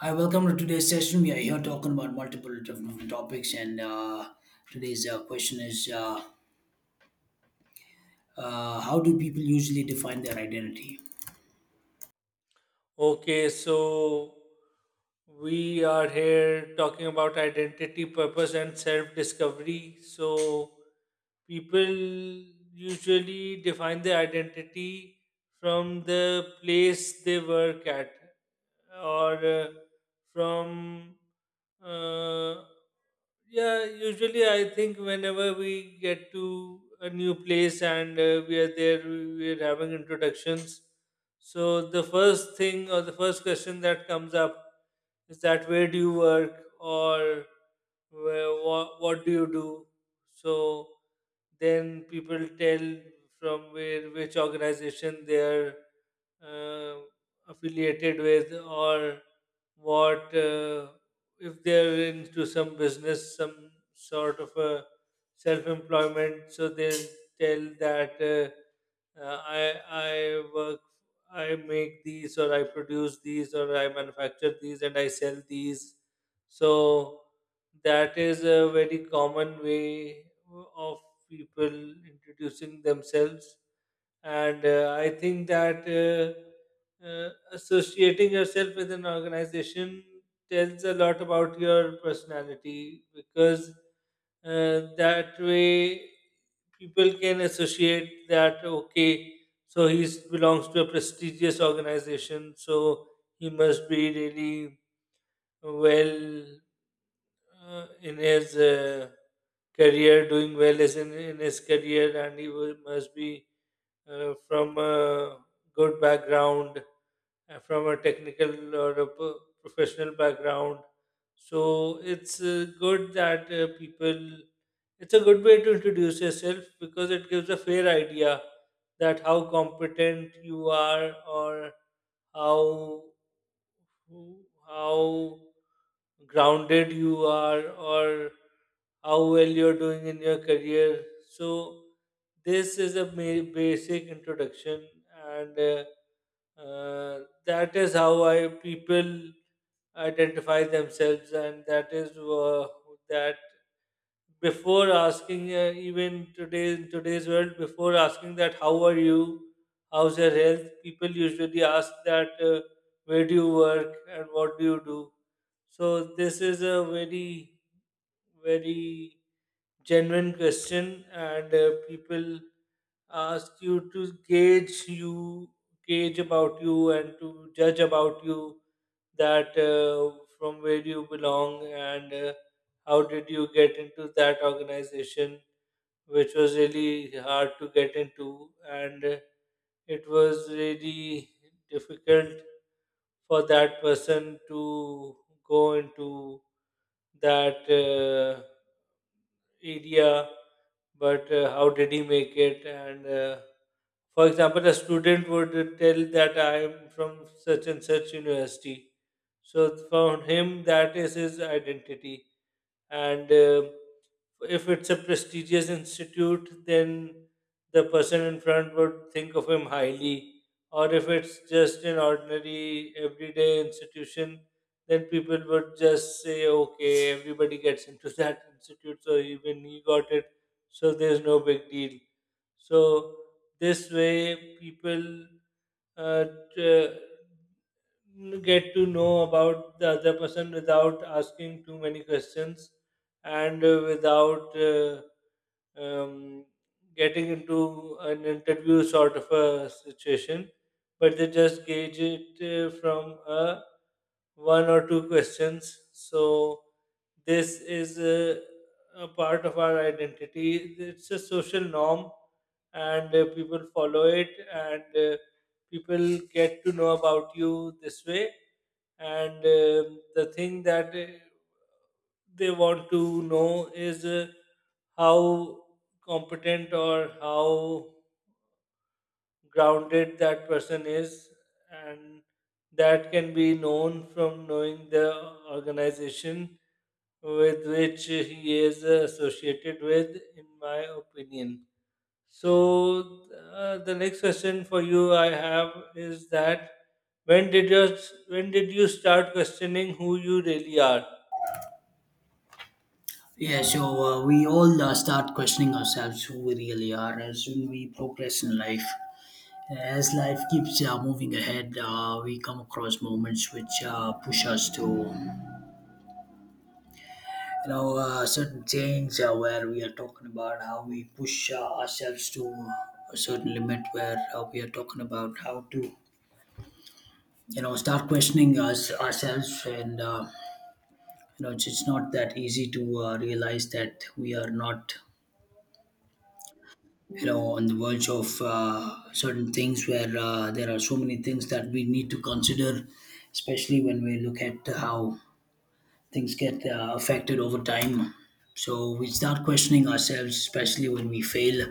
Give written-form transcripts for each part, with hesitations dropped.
Hi, welcome to today's session. We are here talking about multiple different topics, and today's question is how do people usually define their identity? Okay, so we are here talking about identity, purpose, and self discovery. So, people usually define their identity from the place they work at or from, uh, yeah, usually I think whenever we get to a new place and we are there, we are having introductions, so the first thing or the first question that comes up is that where do you work or where what do you do? So then people tell from where which organization they are uh, affiliated with, or what if they're into some business, some sort of a self-employment. So they'll tell that I work, I make these or I produce these or I manufacture these and I sell these. So that is a very common way of people introducing themselves. And I think that associating yourself with an organization tells a lot about your personality, because that way people can associate that, okay, so he belongs to a prestigious organization. So he must be really well in his career, doing well as in his career, and he will, must be from a good background, from a technical or a professional background. So it's good that people, it's a good way to introduce yourself because it gives a fair idea that how competent you are, or how how grounded you are, or how well you're doing in your career. So this is a basic introduction, and uh, that is how I people identify themselves, and that is that before asking even today, in today's world, before asking that how are you, how's your health, people usually ask that where do you work and what do you do. So this is a very genuine question, and people ask you to gauge you, gauge about you, and to judge about you, that from where you belong, and how did you get into that organization, which was really hard to get into, and it was really difficult for that person to go into that area. But how did he make it? And for example, a student would tell that I am from such and such university. So for him, that is his identity. And. If it's a prestigious institute, then the person in front would think of him highly. Or if it's just an ordinary, everyday institution, then people would just say, okay, everybody gets into that institute, so even he got it, so there's no big deal. So, this way, people uh, t- get to know about the other person without asking too many questions, and without um, getting into an interview sort of a situation, but they just gauge it from a one or two questions. So, this is a part of our identity. It's a social norm, and people follow it, and people get to know about you this way. And the thing that they want to know is how competent or how grounded that person is, and that can be known from knowing the organization with which he is associated with, in my opinion. So, the next question for you I have is that when did you when did you start questioning who you really are? We all start questioning ourselves who we really are as when we progress in life. As life keeps moving ahead, we come across moments which push us to, certain change where we are talking about how we push ourselves to a certain limit where we are talking about how to start questioning us ourselves and it's not that easy to realize that we are not on the verge of certain things where there are so many things that we need to consider, especially when we look at how things get affected over time. So we start questioning ourselves, especially when we fail,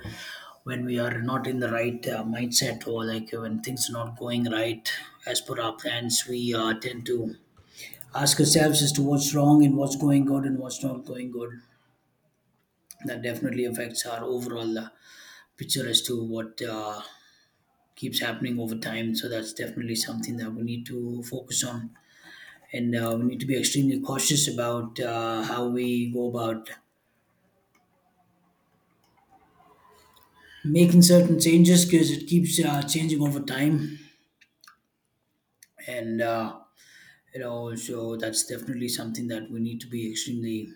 when we are not in the right mindset, or like when things are not going right as per our plans. We tend to ask ourselves as to what's wrong and what's going good and what's not going good. That definitely affects our overall picture as to what keeps happening over time. So that's definitely something that we need to focus on, and we need to be extremely cautious about how we go about making certain changes because it keeps changing over time, and so that's definitely something that we need to be extremely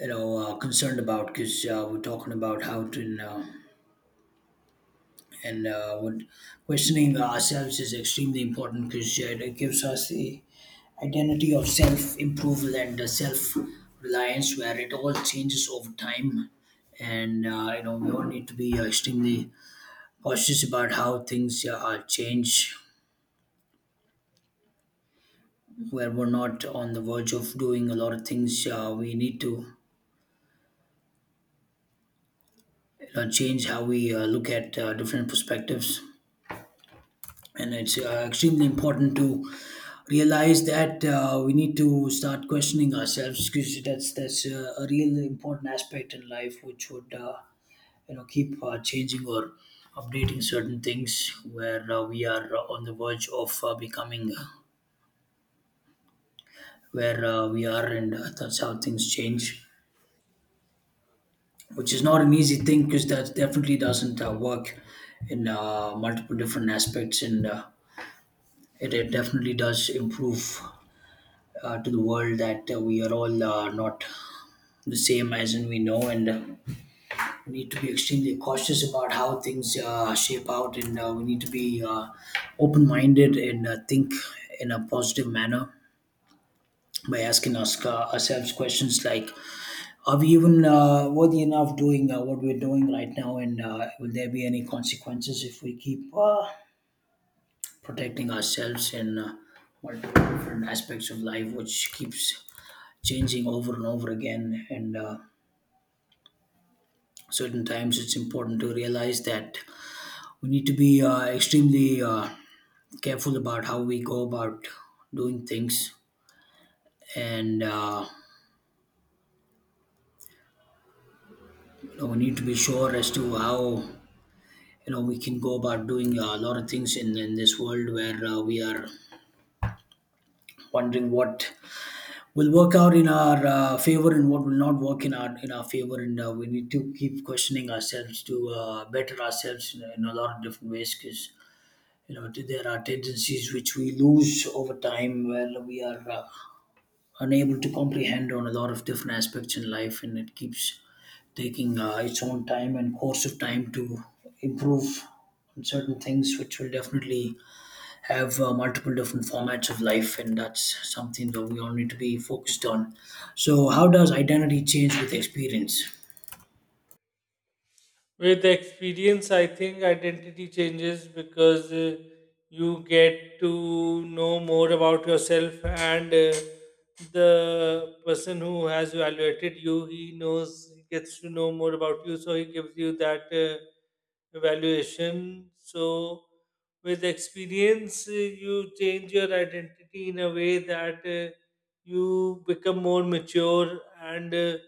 concerned about because we're talking about how to. And what Questioning ourselves is extremely important because it gives us the identity of self improvement and self reliance, where it all changes over time. And we all need to be extremely cautious about how things are change, where we're not on the verge of doing a lot of things. Uh, we need to change how we look at different perspectives, and it's extremely important to realize that we need to start questioning ourselves because that's a real important aspect in life, which would keep changing or updating certain things where we are on the verge of becoming where we are. And that's how things change, which is not an easy thing because that definitely doesn't work in multiple different aspects. And it definitely does improve to the world that we are all not the same, as in we know. And we need to be extremely cautious about how things shape out, and we need to be open-minded and think in a positive manner by asking ourselves questions like, are we even worthy enough doing what we're doing right now, and will there be any consequences if we keep protecting ourselves in multiple different aspects of life, which keeps changing over and over again. And certain times it's important to realize that we need to be extremely careful about how we go about doing things. And we need to be sure as to how we can go about doing a lot of things in this world, where we are wondering what will work out in our favor and what will not work in our favor. And we need to keep questioning ourselves to better ourselves in a lot of different ways, because there are tendencies which we lose over time where we are unable to comprehend on a lot of different aspects in life. And it keeps taking its own time and course of time to improve on certain things, which will definitely have multiple different formats of life, and that's something that we all need to be focused on. So how does identity change with experience? With experience, I think identity changes because you get to know more about yourself, and the person who has evaluated you, he knows, he gets to know more about you, so he gives you that evaluation. So, with experience, you change your identity in a way that you become more mature, and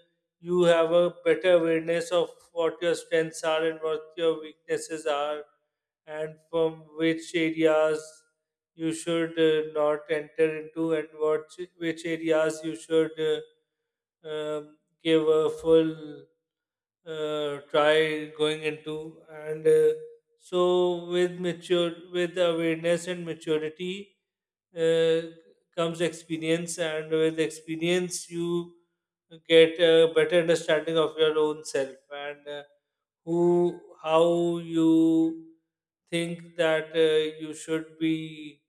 you have a better awareness of what your strengths are and what your weaknesses are, and from which areas you should not enter into, and what which areas you should uh, um, give a full try going into. And so, with mature, with awareness and maturity uh, comes experience, and with experience you get a better understanding of your own self, and who how you think that you should be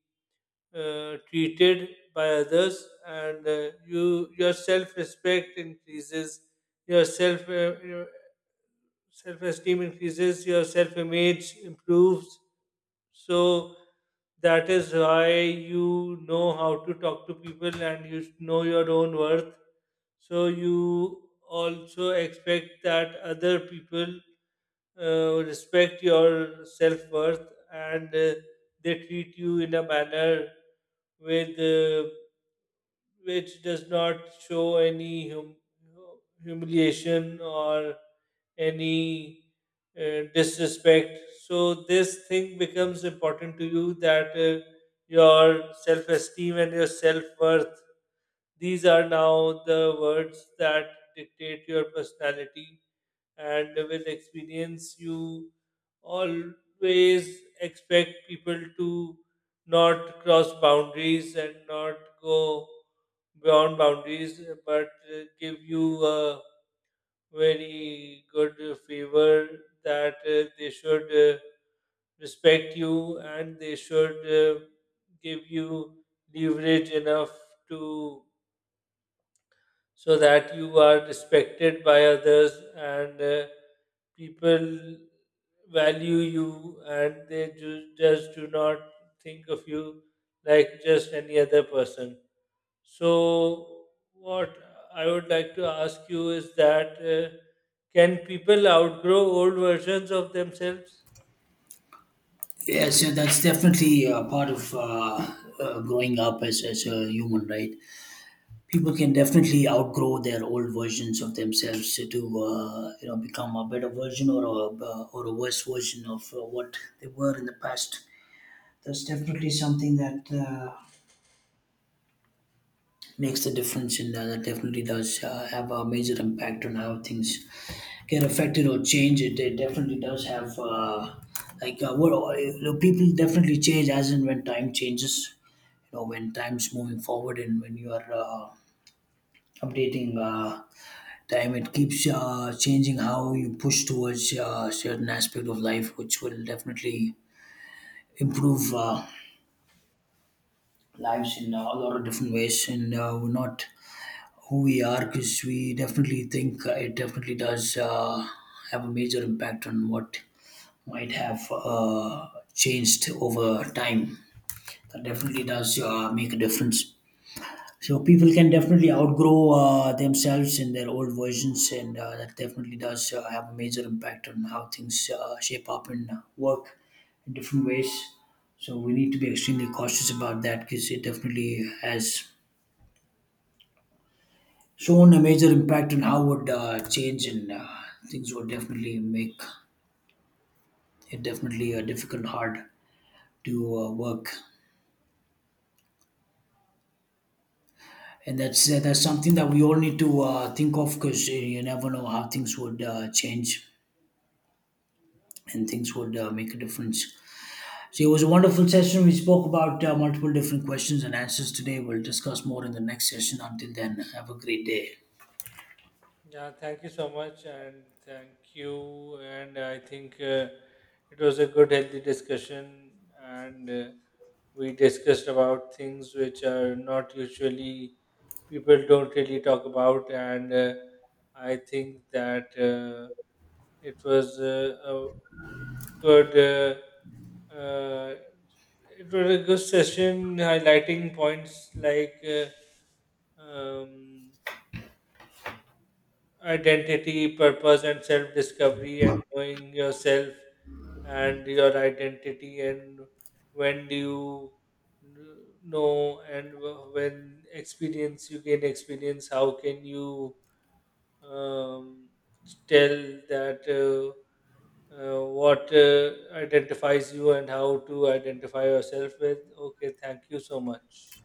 treated by others, and you your self respect increases, your self esteem increases, your self image improves, so that is why you know how to talk to people and you know your own worth. So you also expect that other people respect your self worth, and they treat you in a manner with which does not show any humiliation or any disrespect. So this thing becomes important to you, that your self-esteem and your self-worth. These are now the words that dictate your personality, and with experience you always expect people to not cross boundaries and not go beyond boundaries, but give you a very good favor, that they should uh, respect you, and they should give you leverage enough to, so that you are respected by others, and people value you and they just do not think of you like just any other person. So, what I would like to ask you is that can people outgrow old versions of themselves? That's definitely part of growing up as a human, right? People can definitely outgrow their old versions of themselves to become a better version, or a worse version of what they were in the past. That's definitely something that makes the difference, and that definitely does have a major impact on how things get affected or change. It definitely does have. Like uh, what People definitely change as and when time changes. You know, when time's moving forward and when you are updating time, it keeps changing how you push towards certain aspect of life, which will definitely improve lives in a lot of different ways. And we're not who we are because we definitely think it definitely does have a major impact on what might have changed over time. That definitely does make a difference. So people can definitely outgrow themselves in their old versions, and that definitely does have a major impact on how things shape up and work in different ways. So we need to be extremely cautious about that because it definitely has shown a major impact on how would change, and things would definitely make it definitely difficult, hard to work. And that's something that we all need to think of, because you never know how things would change and things would make a difference. So it was a wonderful session. We spoke about multiple different questions and answers today. We'll discuss more in the next session. Until then, have a great day. Yeah, thank you so much, and thank you. And I think it was a good, healthy discussion, and we discussed about things which are not usually people don't really talk about, and I think that it was a good it was a good session highlighting points like um, identity purpose and self discovery, and knowing yourself and your identity, and when do you know, and when experience you gain experience, how can you um, tell that what identifies you and how to identify yourself with. Okay, thank you so much.